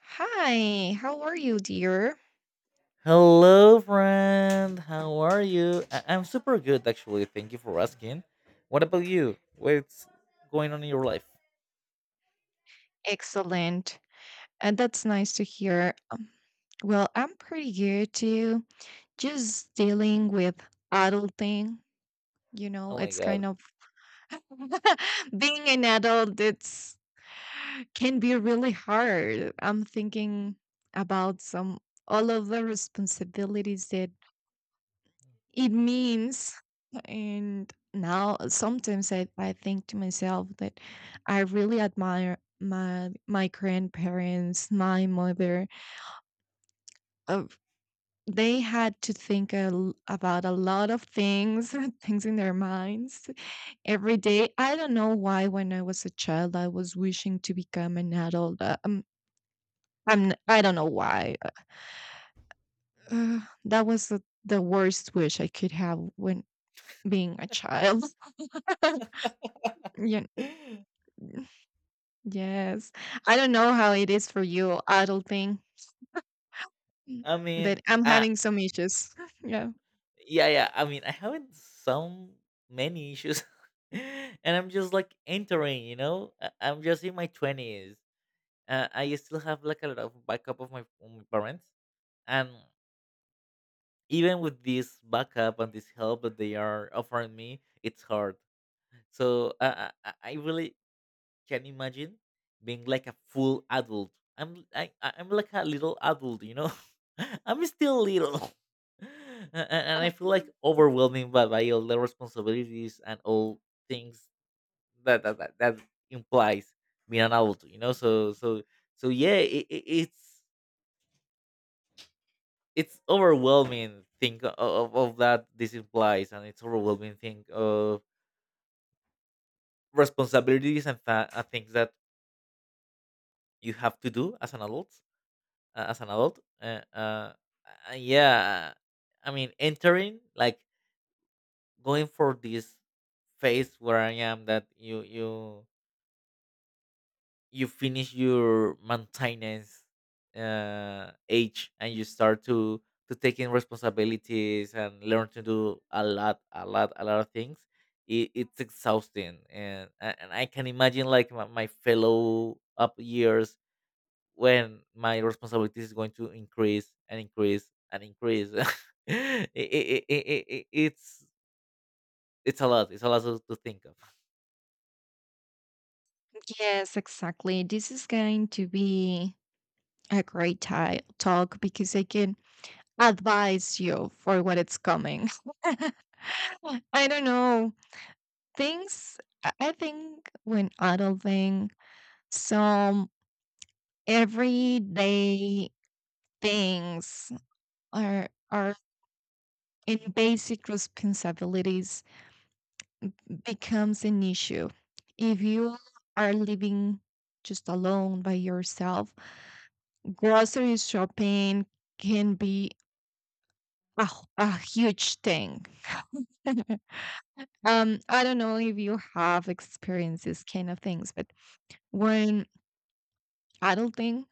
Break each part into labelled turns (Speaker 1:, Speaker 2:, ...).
Speaker 1: Hi, how are you, dear?
Speaker 2: Hello, friend. How are you? I'm super good, actually. Thank you for asking. What about you? What's going on in your life?
Speaker 1: Excellent. And that's nice to hear. Well, I'm pretty good too. Just dealing with adulting. You know,
Speaker 2: Oh my
Speaker 1: it's
Speaker 2: god.
Speaker 1: kind of being an adult, it's can be really hard. I'm thinking about some all of the responsibilities that It means, and now sometimes I think to myself that I really admire my grandparents, my mother. Uh, they had to think a l about a lot of things, things in their minds every day. I don't know why when I was a child I was wishing to become an adult. I don't know why. Uh, that was the worst wish I could have when being a child. you Yes. I don't know how it is for you adulting, Mm,
Speaker 2: I mean,
Speaker 1: but I'm
Speaker 2: uh,
Speaker 1: having some issues. Yeah.
Speaker 2: yeah. I mean, I haven't so many issues, and I'm just like entering. I'm just in my twenties. I still have like a lot of backup from my parents, and even with this backup and this help that they are offering me, it's hard. So I really can you imagine being like a full adult? I'm like a little adult, you know. I'm still little, And
Speaker 1: Uh,
Speaker 2: I feel like overwhelming by all the responsibilities and all things that implies being an adult, you know. So yeah, it's it's overwhelming thing of that this implies, and it's overwhelming thing of responsibilities and things that you have to do as an adult as an adult. Yeah, I mean, entering like going for this phase where I am, that you finish your maintenance age and you start to take in responsibilities and learn to do a lot of things. It's exhausting, and I can imagine like my fellow up years when my responsibilities is going to increase and increase and increase. It's it's a lot, it's a lot to think of.
Speaker 1: Yes, exactly. This is going to be a great talk because I can advise you for what it's coming. I don't know. Things, I think when adulting, some everyday things are in basic responsibilities becomes an issue. If you are living just alone by yourself, grocery shopping can be a huge thing. I don't know if you have experienced these kind of things, but when adulting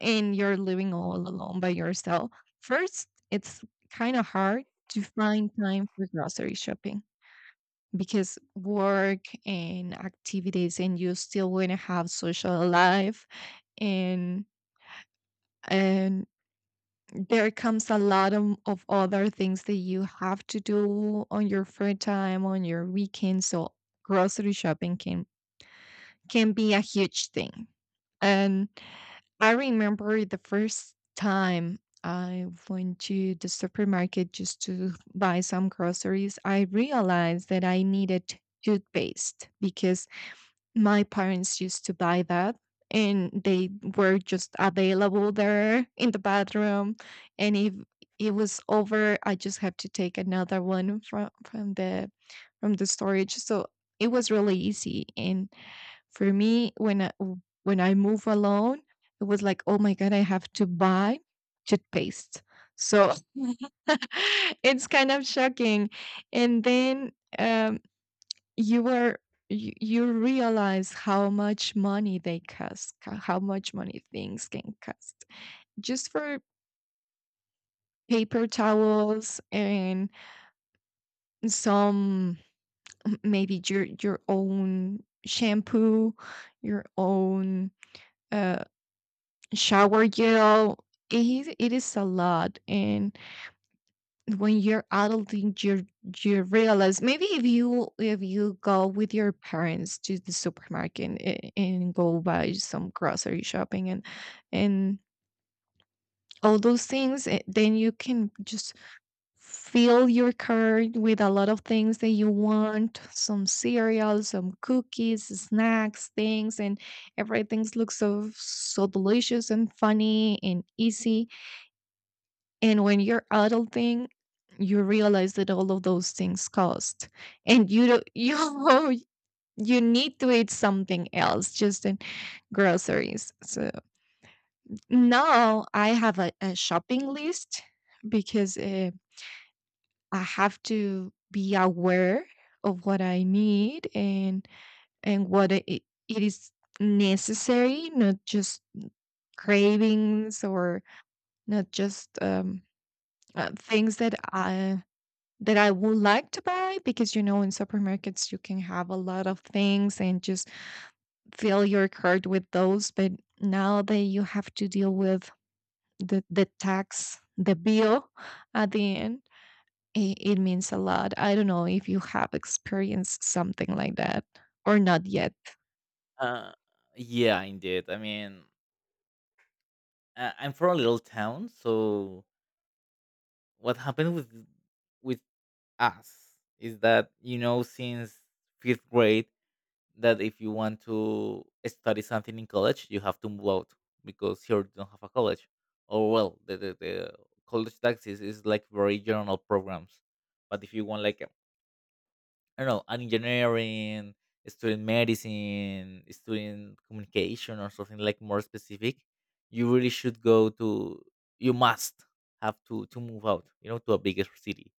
Speaker 1: and you're living all alone by yourself, first, it's kind of hard to find time for grocery shopping, because work and activities and you still want to have social life and and there comes a lot of other things that you have to do on your free time on your weekend. So grocery shopping can be a huge thing. And I remember the first time I went to the supermarket just to buy some groceries, I realized that I needed toothpaste because my parents used to buy that and they were just available there in the bathroom, and if it was over I just had to take another one from the from the storage. So it was really easy. And for me when I move alone, it was like oh my god, I have to buy toothpaste. So it's kind of shocking. And then um you were you realize how much money they cost how much money things can cost just for paper towels and some m- maybe your own shampoo, your own uh, shower gel. It is a lot. And when you're adulting you you realize, maybe if you go with your parents to the supermarket and go buy some grocery shopping and and all those things, then you can just fill your cart with a lot of things that you want, some cereals, some cookies, snacks, things, and everything looks so so delicious and funny and easy. And when you're adulting, you realize that all of those things cost, and you don't, you need to eat something else just in groceries. So now I have a shopping list, because I have to be aware of what I need, and what it is necessary, not just cravings or not just things that I would like to buy, because you know in supermarkets you can have a lot of things and just fill your cart with those. But now that you have to deal with the tax, the bill at the end, it means a lot. I don't know if you have experienced something like that or not yet.
Speaker 2: Uh, yeah, indeed. I mean, I- I'm from a little town, so what happened with us is that, you know, since fifth grade, that if you want to study something in college, you have to move out, because here you don't have a college. Or well, the college taxes is like very general programs. But if you want, like, I don't know, an engineering, student medicine, student communication or something like more specific, you really should go to you must have to move out, you know, to a bigger city.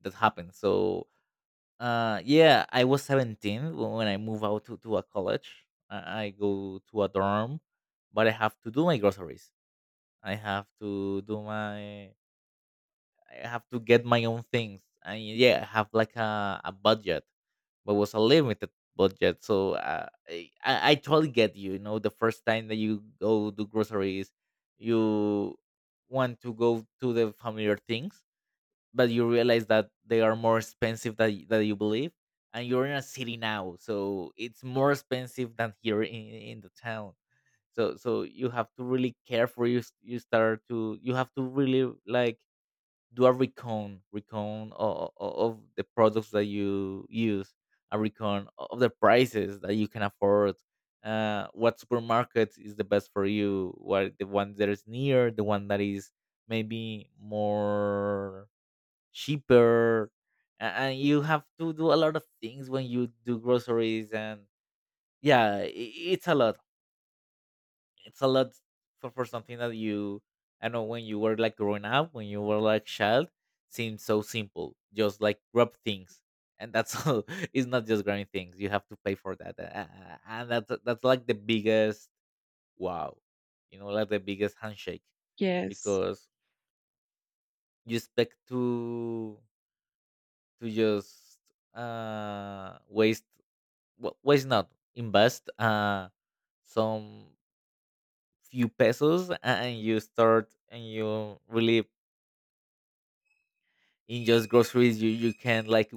Speaker 2: That happens. So yeah, I was 17 when I moved out to a college. I go to a dorm, but I have to do my groceries. I have to do my, I have to get my own things. And yeah, I have like a budget, but was a limited budget. So I totally get you. You know, the first time that you go do groceries, you want to go to the familiar things, but you realize that they are more expensive than that you believe, and you're in a city now, so it's more expensive than here in the town. So you have to really care for you, you start to, you have to really like do a recon of the products that you use, a recon of the prices that you can afford. What supermarket is the best for you, what, the one that is near, the one that is maybe more cheaper, a- and you have to do a lot of things when you do groceries. And yeah, it's a lot, it's a lot for something that you, I know when you were like growing up, when you were like child, seemed so simple, just like grab things, and that's all. It's not just grabbing things, you have to pay for that, and that's like the biggest wow, you know, like the biggest handshake,
Speaker 1: Yes.
Speaker 2: because you expect to just waste, why is not invest, some few pesos, and you start and you really, in just groceries you you can like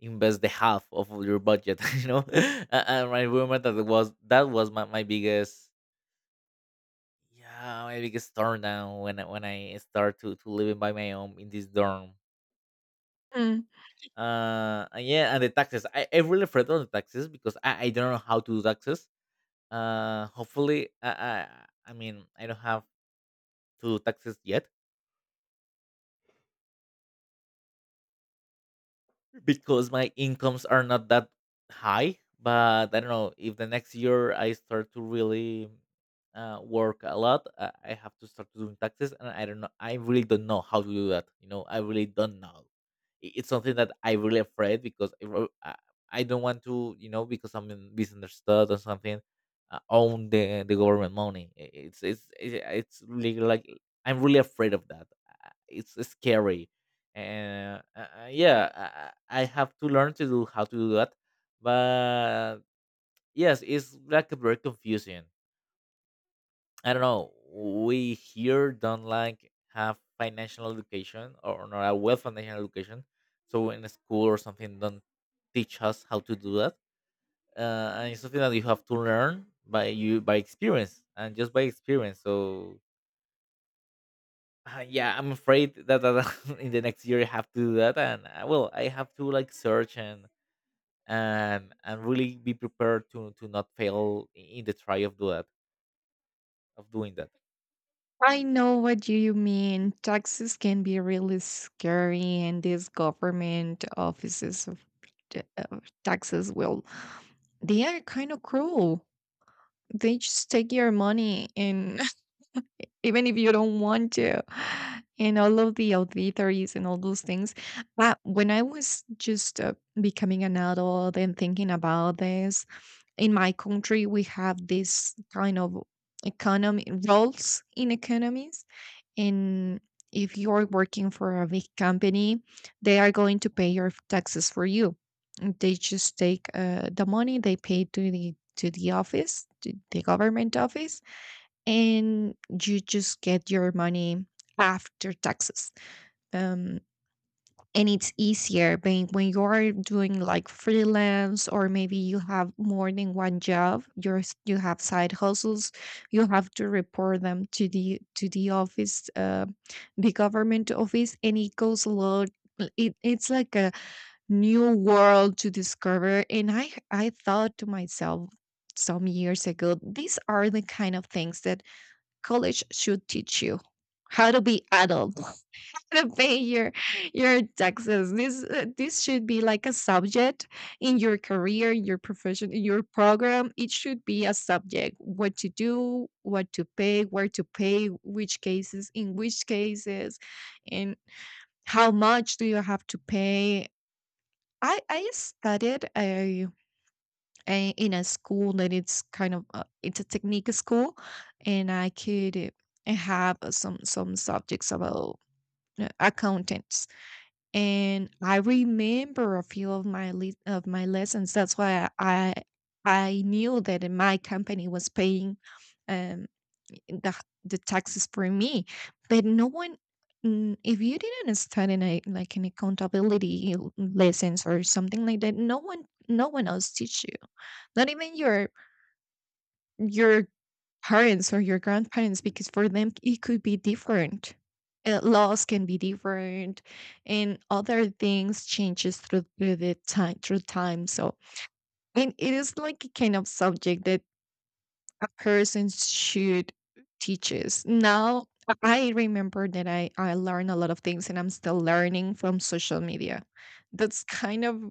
Speaker 2: invest the half of your budget, you know. And I remember that it was, that was my biggest, yeah, my biggest turn down when when I start to living by my own in this dorm.
Speaker 1: Mm,
Speaker 2: And yeah, and the taxes, I really afraid on the taxes, because I don't know how to do taxes. Hopefully I mean I don't have to do taxes yet, because my incomes are not that high. But I don't know if the next year I start to really work a lot. I have to start doing taxes, and I don't know. I really don't know how to do that. You know, I really don't know. It's something that I really afraid, because I don't want to, you know, because I'm in misunderstood or something. Own the government money. It's really like I'm really afraid of that. It's scary, and yeah, I, I have to learn to do how to do that, but yes, it's like very confusing. I don't know, we here don't like have financial education, or not a well financial education, so in a school or something don't teach us how to do that. And it's something that you have to learn by you by experience, and just by experience. So yeah, I'm afraid that in the next year I have to do that. And well, I have to like search, and really be prepared to not fail in the try of do that, of doing that.
Speaker 1: I know what you mean. Taxes can be really scary, and these government offices of taxes will They are kind of cruel. They just take your money and even if you don't want to, and all of the auditories and all those things. But when I was just becoming an adult and thinking about this, in my country, we have this kind of economy roles in economies. And if you're working for a big company, they are going to pay your taxes for you. They just take the money, they pay to the office, to the government office, and you just get your money after taxes. um and it's easier when you're doing like freelance, or maybe you have more than one job, you're s- you have side hustles, you have to report them to the office, the government office, and it goes a lot. It, it's like a new world to discover. And I thought to myself some years ago, these are the kind of things that college should teach you: how to be adult, to pay your taxes. This this should be like a subject in your career, your profession, in your program. It should be a subject: what to do, what to pay, where to pay, which cases, in which cases, and how much do you have to pay. I studied in a school that it's kind of it's a technique school, and I could have some subjects about accountants, and I remember a few of my of my lessons. That's why I knew that my company was paying um, the the taxes for me, but no one. Mm, if you didn't study in a, like an accountability l- lessons or something like that, no one no one else teach you, not even your parents or your grandparents, because for them it could be different. Laws can be different, and other things changes through the time through time. So and it is like a kind of subject that a person should teach us now. I remember that I learned a lot of things and I'm still learning from social media. That's kind of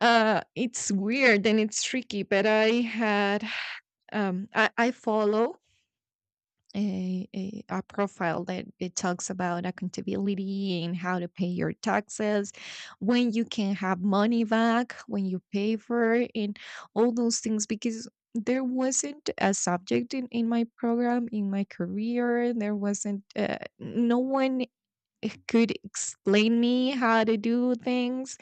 Speaker 1: it's weird and it's tricky, but I had I follow a profile that it talks about accountability and how to pay your taxes, when you can have money back, when you pay for it, and all those things, because there wasn't a subject in my program, in my career, there wasn't no one could explain me how to do things.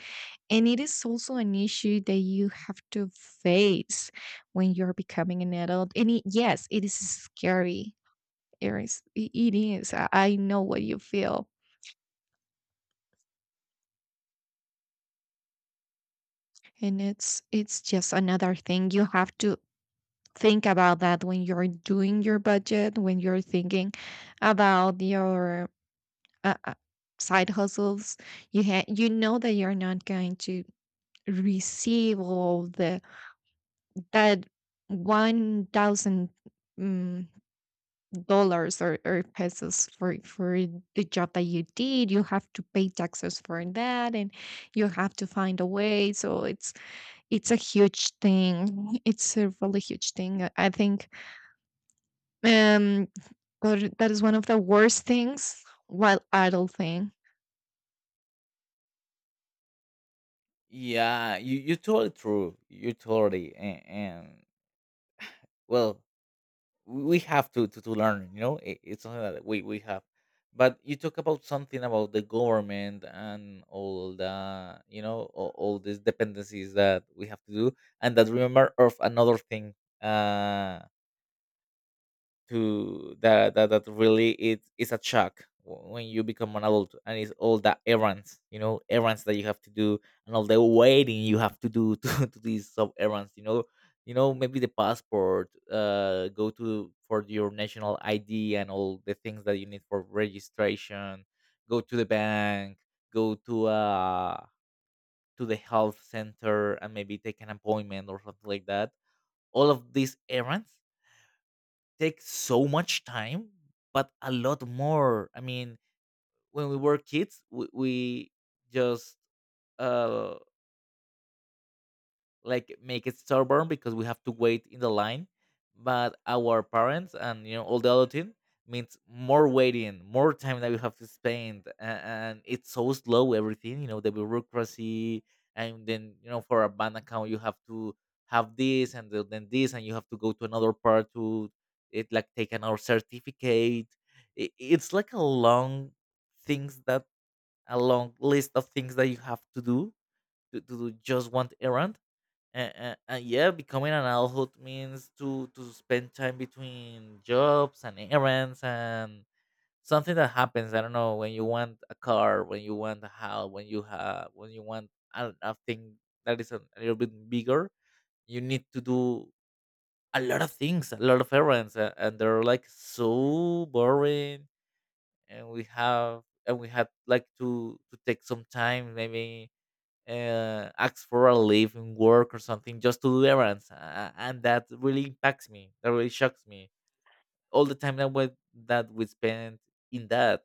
Speaker 1: And it is also an issue that you have to face when you're becoming an adult. And it, yes it is scary. It is. It is. I know what you feel, and it's just another thing you have to think about, that when you're doing your budget, when you're thinking about your uh, uh, side hustles. You you know that you're not going to receive all the that 1,000 mm, dollars, or pesos, for the job that you did. You have to pay taxes for that, and you have to find a way. So it's a huge thing, it's a really huge thing, I think um or that is one of the worst things while idle thing.
Speaker 2: Yeah, you totally true. You're totally, and well, we have to, to learn. You know, it, it's something that we have. But you talk about something about the government and all the, you know, all these dependencies that we have to do, and that remember of another thing. Uh, to that, that really it is a shock when you become an adult, and it's all the errands, you know, errands that you have to do, and all the waiting you have to do to these sub errands, you know, you know, maybe the passport, go to for your national id, and all the things that you need for registration, go to the bank, go to the health center and maybe take an appointment or something like that. All of these errands take so much time, but a lot more. I mean, when we were kids, we just uh, like make it stubborn because we have to wait in the line, but our parents and you know all the other team means more waiting, more time that we have to spend, and it's so slow everything, you know, the bureaucracy. And then you know, for a bank account you have to have this, and then this, and you have to go to another part to, it like take another certificate. It's like a long, things that, a long list of things that you have to do to do just one errand. And yeah, becoming an adult means to spend time between jobs and errands, and something that happens. I don't know, when you want a car, when you want a house, when you have, when you want a thing that is a little bit bigger, you need to do a lot of things, a lot of errands, and they're like so boring. And we have, and we had like to take some time, maybe ask for a leave in work or something just to do errands. And that really impacts me. That really shocks me. All the time that we spend in that,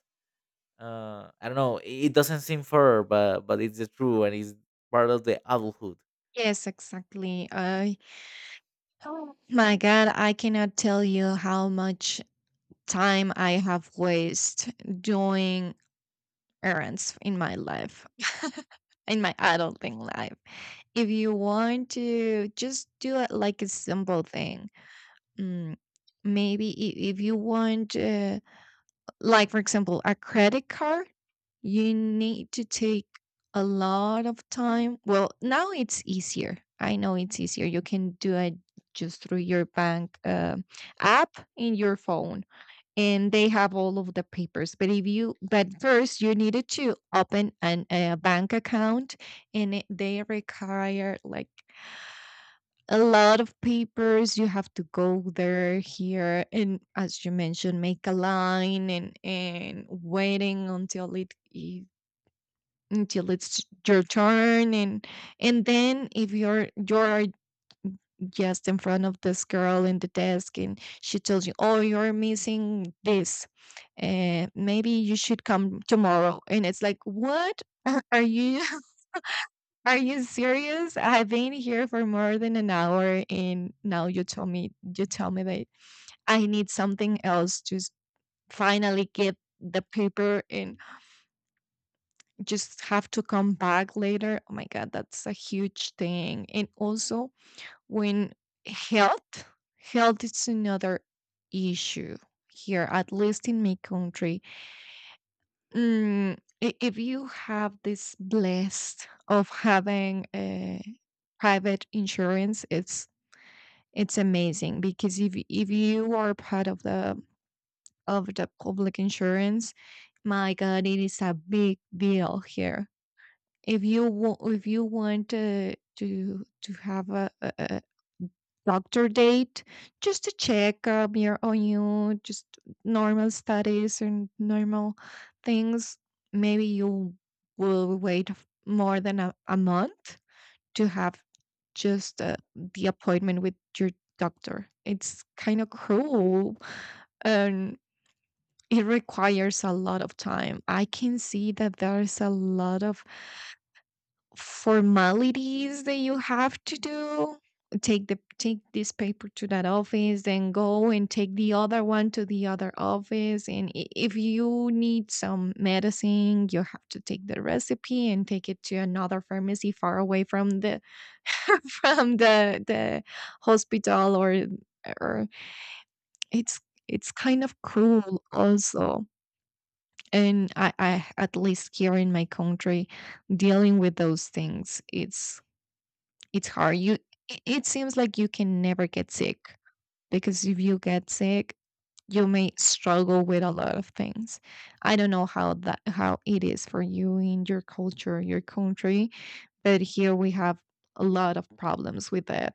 Speaker 2: I don't know. It doesn't seem fair, but it's the true, and it's part of the adulthood.
Speaker 1: Yes, exactly. I Oh my god, I cannot tell you how much time I have wasted doing errands in my life, in my adulting life. If you want to just do it like a simple thing, mm, maybe if you want, like for example, a credit card, you need to take a lot of time. Well, now it's easier. I know it's easier. You can do it just through your bank app in your phone, and they have all of the papers. But if you but first you needed to open a bank account, and it, they require like a lot of papers. You have to go there, here, and as you mentioned, make a line and waiting until until it's your turn. And then if you're just in front of this girl in the desk, and she tells you oh you're missing this, and maybe you should come tomorrow. And it's like what are you are you serious? I've been here for more than an hour, and now you tell me that I need something else to s- finally get the paper and just have to come back later. Oh my god, that's a huge thing. And also when health health is another issue, here at least in my country. Mm, if you have this blessed of having a private insurance, it's amazing, because if you are part of the public insurance, my god it is a big deal here. If you want if you want to to have a doctor date, just to check your on you just normal studies and normal things, maybe you will wait more than a month to have just the appointment with your doctor. It's kind of cruel. And it requires a lot of time. I can see that there's a lot of formalities that you have to do. Take the take this paper to that office, then go and take the other one to the other office. And if you need some medicine, you have to take the recipe and take it to another pharmacy, far away from the from the hospital. Or it's it's kind of cruel also. And I, at least here in my country, dealing with those things, it's hard. You it seems like you can never get sick, because if you get sick you may struggle with a lot of things. I don't know how that how it is for you in your culture, your country, but here we have a lot of problems with that.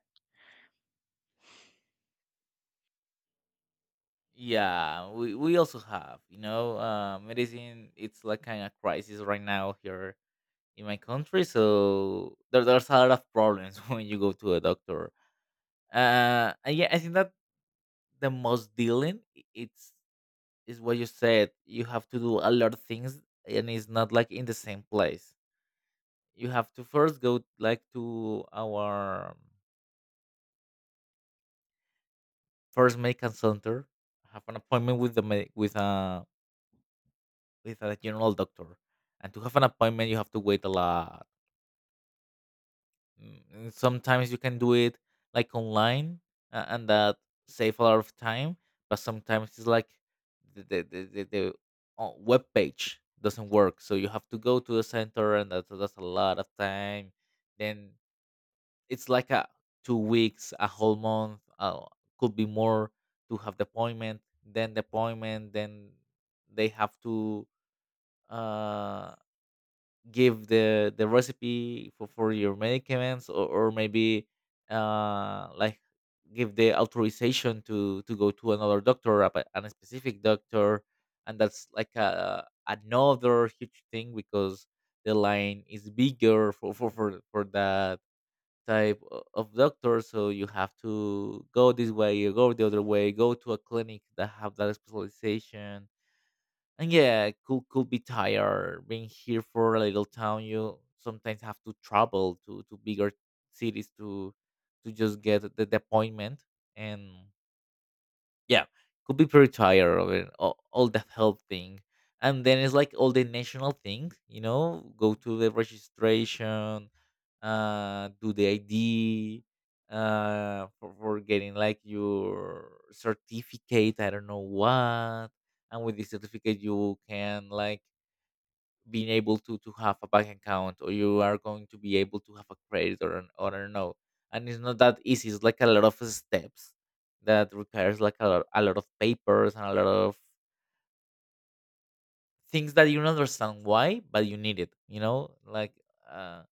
Speaker 2: Yeah, we also have, you know, medicine. It's like kind of crisis right now here in my country, so there's a lot of problems when you go to a doctor. And yeah, I think that the most dealing it's is what you said. You have to do a lot of things, and it's not like in the same place. You have to first go like to our first medical center, have an appointment with the with a, with a general doctor. And to have an appointment, you have to wait a lot. Mm, and sometimes you can do it like online, and that save a lot of time. But sometimes it's like the web page doesn't work, so you have to go to the center, and that's a lot of time. Then it's like a 2 weeks, a whole month, could be more, to have the appointment. Then the appointment, then they have to uh give the recipe for your medicaments, or maybe like give the authorization to go to another doctor, a specific doctor. And that's like a, another huge thing, because the line is bigger for that type of doctor. So you have to go this way, you go the other way, go to a clinic that have that specialization. And yeah, could be tired. Being here, for a little town, you sometimes have to travel to bigger cities to just get the appointment. And yeah, could be pretty tired of it, all the health thing. And then it's like all the national things, you know, go to the registration, do the ID, for getting like your certificate, I don't know what. And with the certificate you can like being able to have a bank account, or you are going to be able to have a credit or an, or a no. And it's not that easy. It's like a lot of steps that requires like a lot of papers and a lot of things that you don't understand why, but you need it, you know, like uh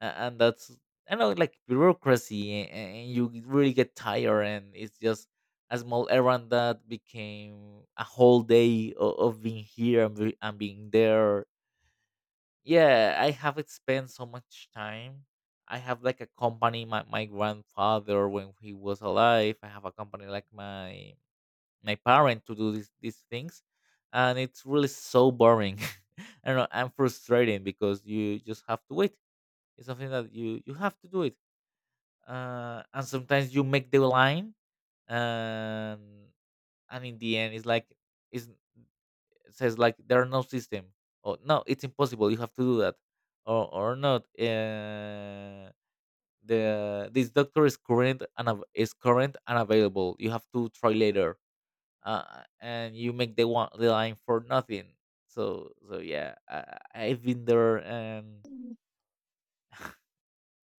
Speaker 2: and that's, I know, like bureaucracy and you really get tired. And it's just a small errand that became a whole day of being here and being there. Yeah, I haven't spent so much time. I have like a company. My grandfather, when he was alive, I have a company like my parent to do these things, and it's really so boring. I don't know. I'm frustrating because you just have to wait. It's something that you have to do it. And sometimes you make the line, and and in the end, it's like it's says like there are no system, or no, it's impossible, you have to do that, or not. The this doctor is current and is current and available, you have to try later. And you make the one, the line for nothing. So so yeah, I, I've been there,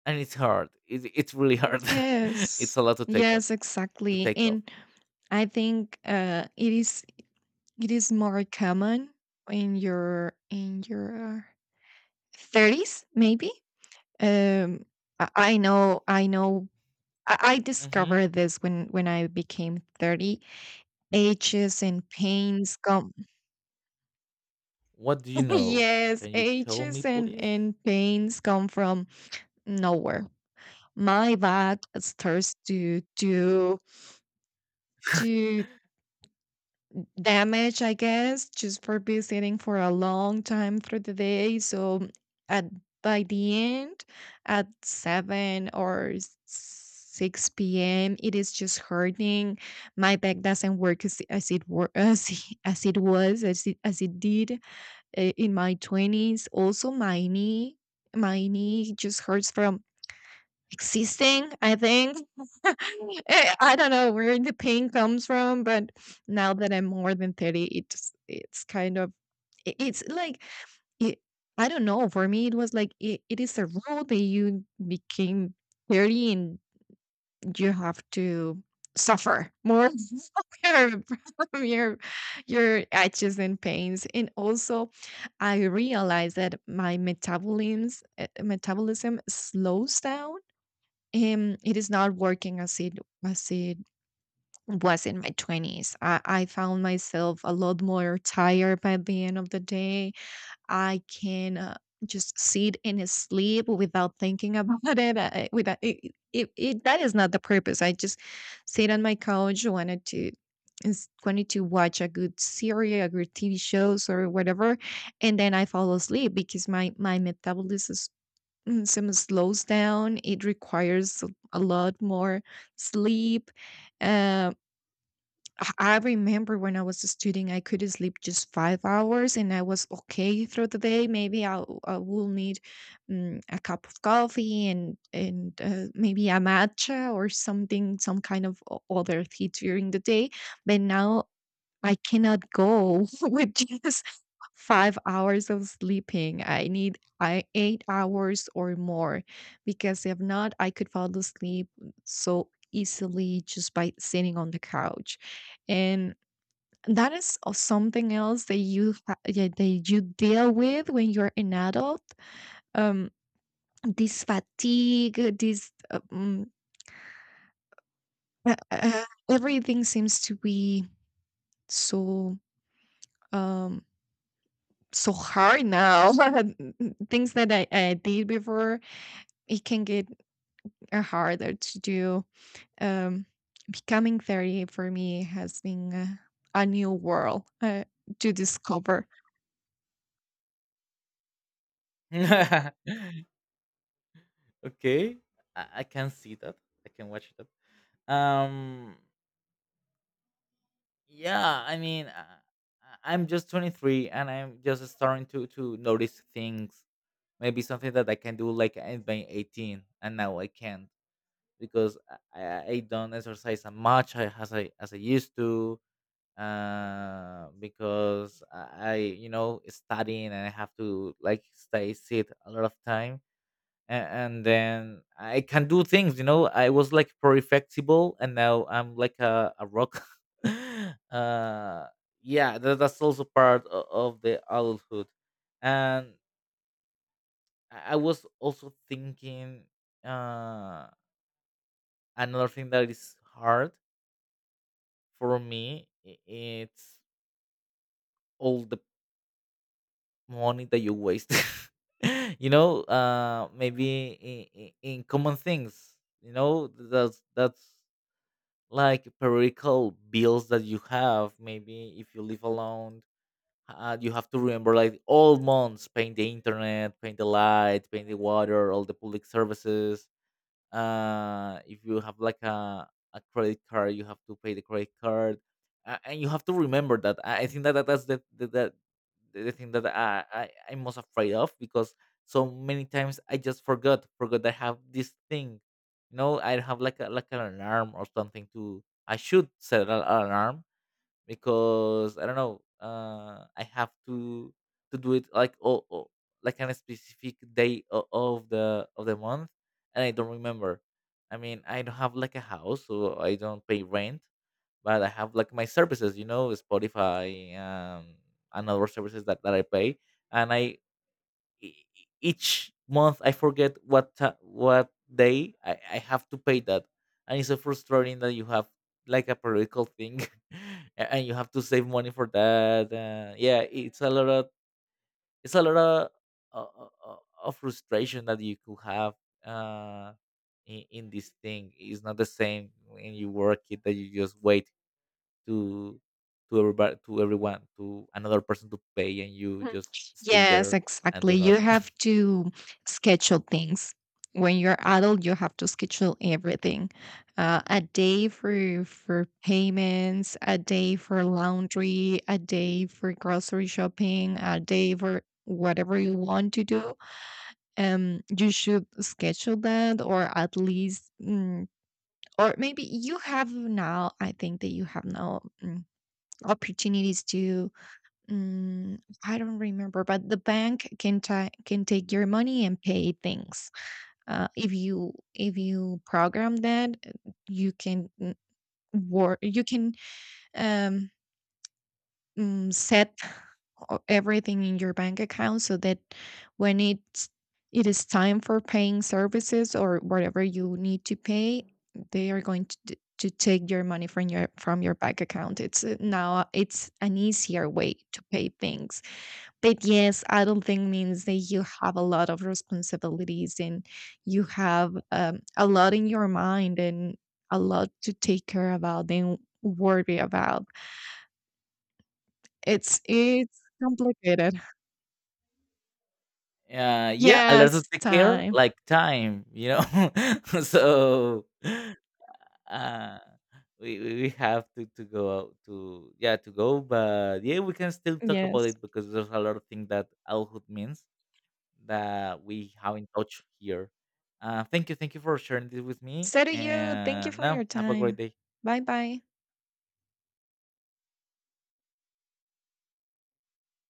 Speaker 2: and it's hard, it, it's really hard. It's
Speaker 1: Yes.
Speaker 2: a lot to take up,
Speaker 1: Yes,
Speaker 2: to
Speaker 1: exactly.
Speaker 2: take off.
Speaker 1: And I think it is more common in your 30s maybe. um I know, I know. I
Speaker 2: Hmm,
Speaker 1: discovered this when I became 30. Aches and pains come.
Speaker 2: what do you know?
Speaker 1: Yes,
Speaker 2: Can you tell me
Speaker 1: aches
Speaker 2: please?
Speaker 1: and pains come from nowhere. My back starts to to Damage, I guess, just for be sitting for a long time through the day. So at by the end, at 7 or s- 6 p.m., it is just hurting. My back doesn't work as, as it was, as it did in my 20s. Also, my knee just hurts from existing, I think. I don't know where the pain comes from, but now that I'm more than 30, it's kind of I it's like it, I don't know. For me, it was like it is a rule that you became 30 and you have to suffer more from your itches and pains. And also, I realized that my metabolism slows down, and it is not working as it was in my 20s. I found myself a lot more tired by the end of the day. I can just sit and sleep without thinking about it. I, without, it, that is not the purpose. I just sit on my couch, wanted to wanted to watch a good series, a good TV shows or whatever, and then I fall asleep because my metabolism is- mm, some slows down. It requires a lot more sleep. Um, I remember when I was a student, I could sleep just 5 hours and I was okay through the day. Maybe I will need a cup of coffee and, maybe a matcha or something, some kind of other tea during the day. But now I cannot go with just 5 hours of sleeping. I need I 8 hours or more, because if not, I could fall asleep so easily just by sitting on the couch. And that is something else that yeah, that you deal with when you're an adult. Um, this fatigue, this uh, uh, everything seems to be so um so hard now. Things that I did before, it can get harder to do. Um, becoming 30 for me has been a new world to discover.
Speaker 2: Okay, I can see that. I can watch that. Um, yeah, I mean, I'm just 23 and I'm just starting to notice things. Maybe something that I can do like in have 18, and now I can't, because I don't exercise as much as I, as I used to. Because I, you know, studying, and I have to like stay sit a lot of time, and then I can do things. You know, I was like pretty flexible, and now I'm like a rock. uh, yeah, that, that's also part of the adulthood. And I was also thinking, uh, another thing that is hard for me. It's all the money that you waste. You know, maybe in common things. You know, that's like periodical bills that you have, maybe if you live alone. You have to remember like all months paying the internet, paying the light, paying the water, all the public services. If you have like a credit card, you have to pay the credit card. And you have to remember that. I think that, that that's the thing that I, I'm most afraid of, because so many times I just forgot I have this thing. You know, I have like a, like an alarm or something, to, I should set an alarm, because I don't know. I have to do it like, oh, oh, like on a specific day, of the of the month, and I don't remember. I mean, I don't have like a house, so I don't pay rent, but I have like my services, you know, Spotify, and other services that I pay. And I, each month I forget what what day I have to pay that. And it's so frustrating that you have like a periodical thing, and you have to save money for that. Yeah, it's a lot of, it's a lot uh, uh, uh, of frustration that you could have, uh, in this thing. It's not the same when you work it, that you just wait to to everybody, to everyone, to another person to pay, and you
Speaker 1: Mhm.
Speaker 2: just stay
Speaker 1: Yes,
Speaker 2: there and
Speaker 1: exactly.
Speaker 2: do
Speaker 1: You
Speaker 2: nothing.
Speaker 1: have to schedule things. When you're adult, you have to schedule everything. A day for payments, a day for laundry, a day for grocery shopping, a day for whatever you want to do. You should schedule that, or at least, or maybe you have now. I think that you have now opportunities to I don't remember, but the bank can ta can take your money and pay things. If you program that, you can mm, wor you can um, set everything in your bank account so that when it is time for paying services or whatever you need to pay, they are going to to take your money from your bank account. It's now it's an easier way to pay things, but yes, I don't think means that you have a lot of responsibilities, and you have a lot in your mind and a lot to take care about and worry about. It's complicated.
Speaker 2: Yeah, a lot of
Speaker 1: Yes,
Speaker 2: take care,
Speaker 1: time.
Speaker 2: like time, you know. So uh, we have to go out to, yeah, to go. But yeah, we can still talk about
Speaker 1: Yes.
Speaker 2: it, because there's a lot of things that adulthood means that we haven't touched here. Thank you, thank you for sharing this with me,
Speaker 1: So do you. Thank you
Speaker 2: and
Speaker 1: for
Speaker 2: now
Speaker 1: your
Speaker 2: have a great
Speaker 1: time.
Speaker 2: day.
Speaker 1: Bye bye.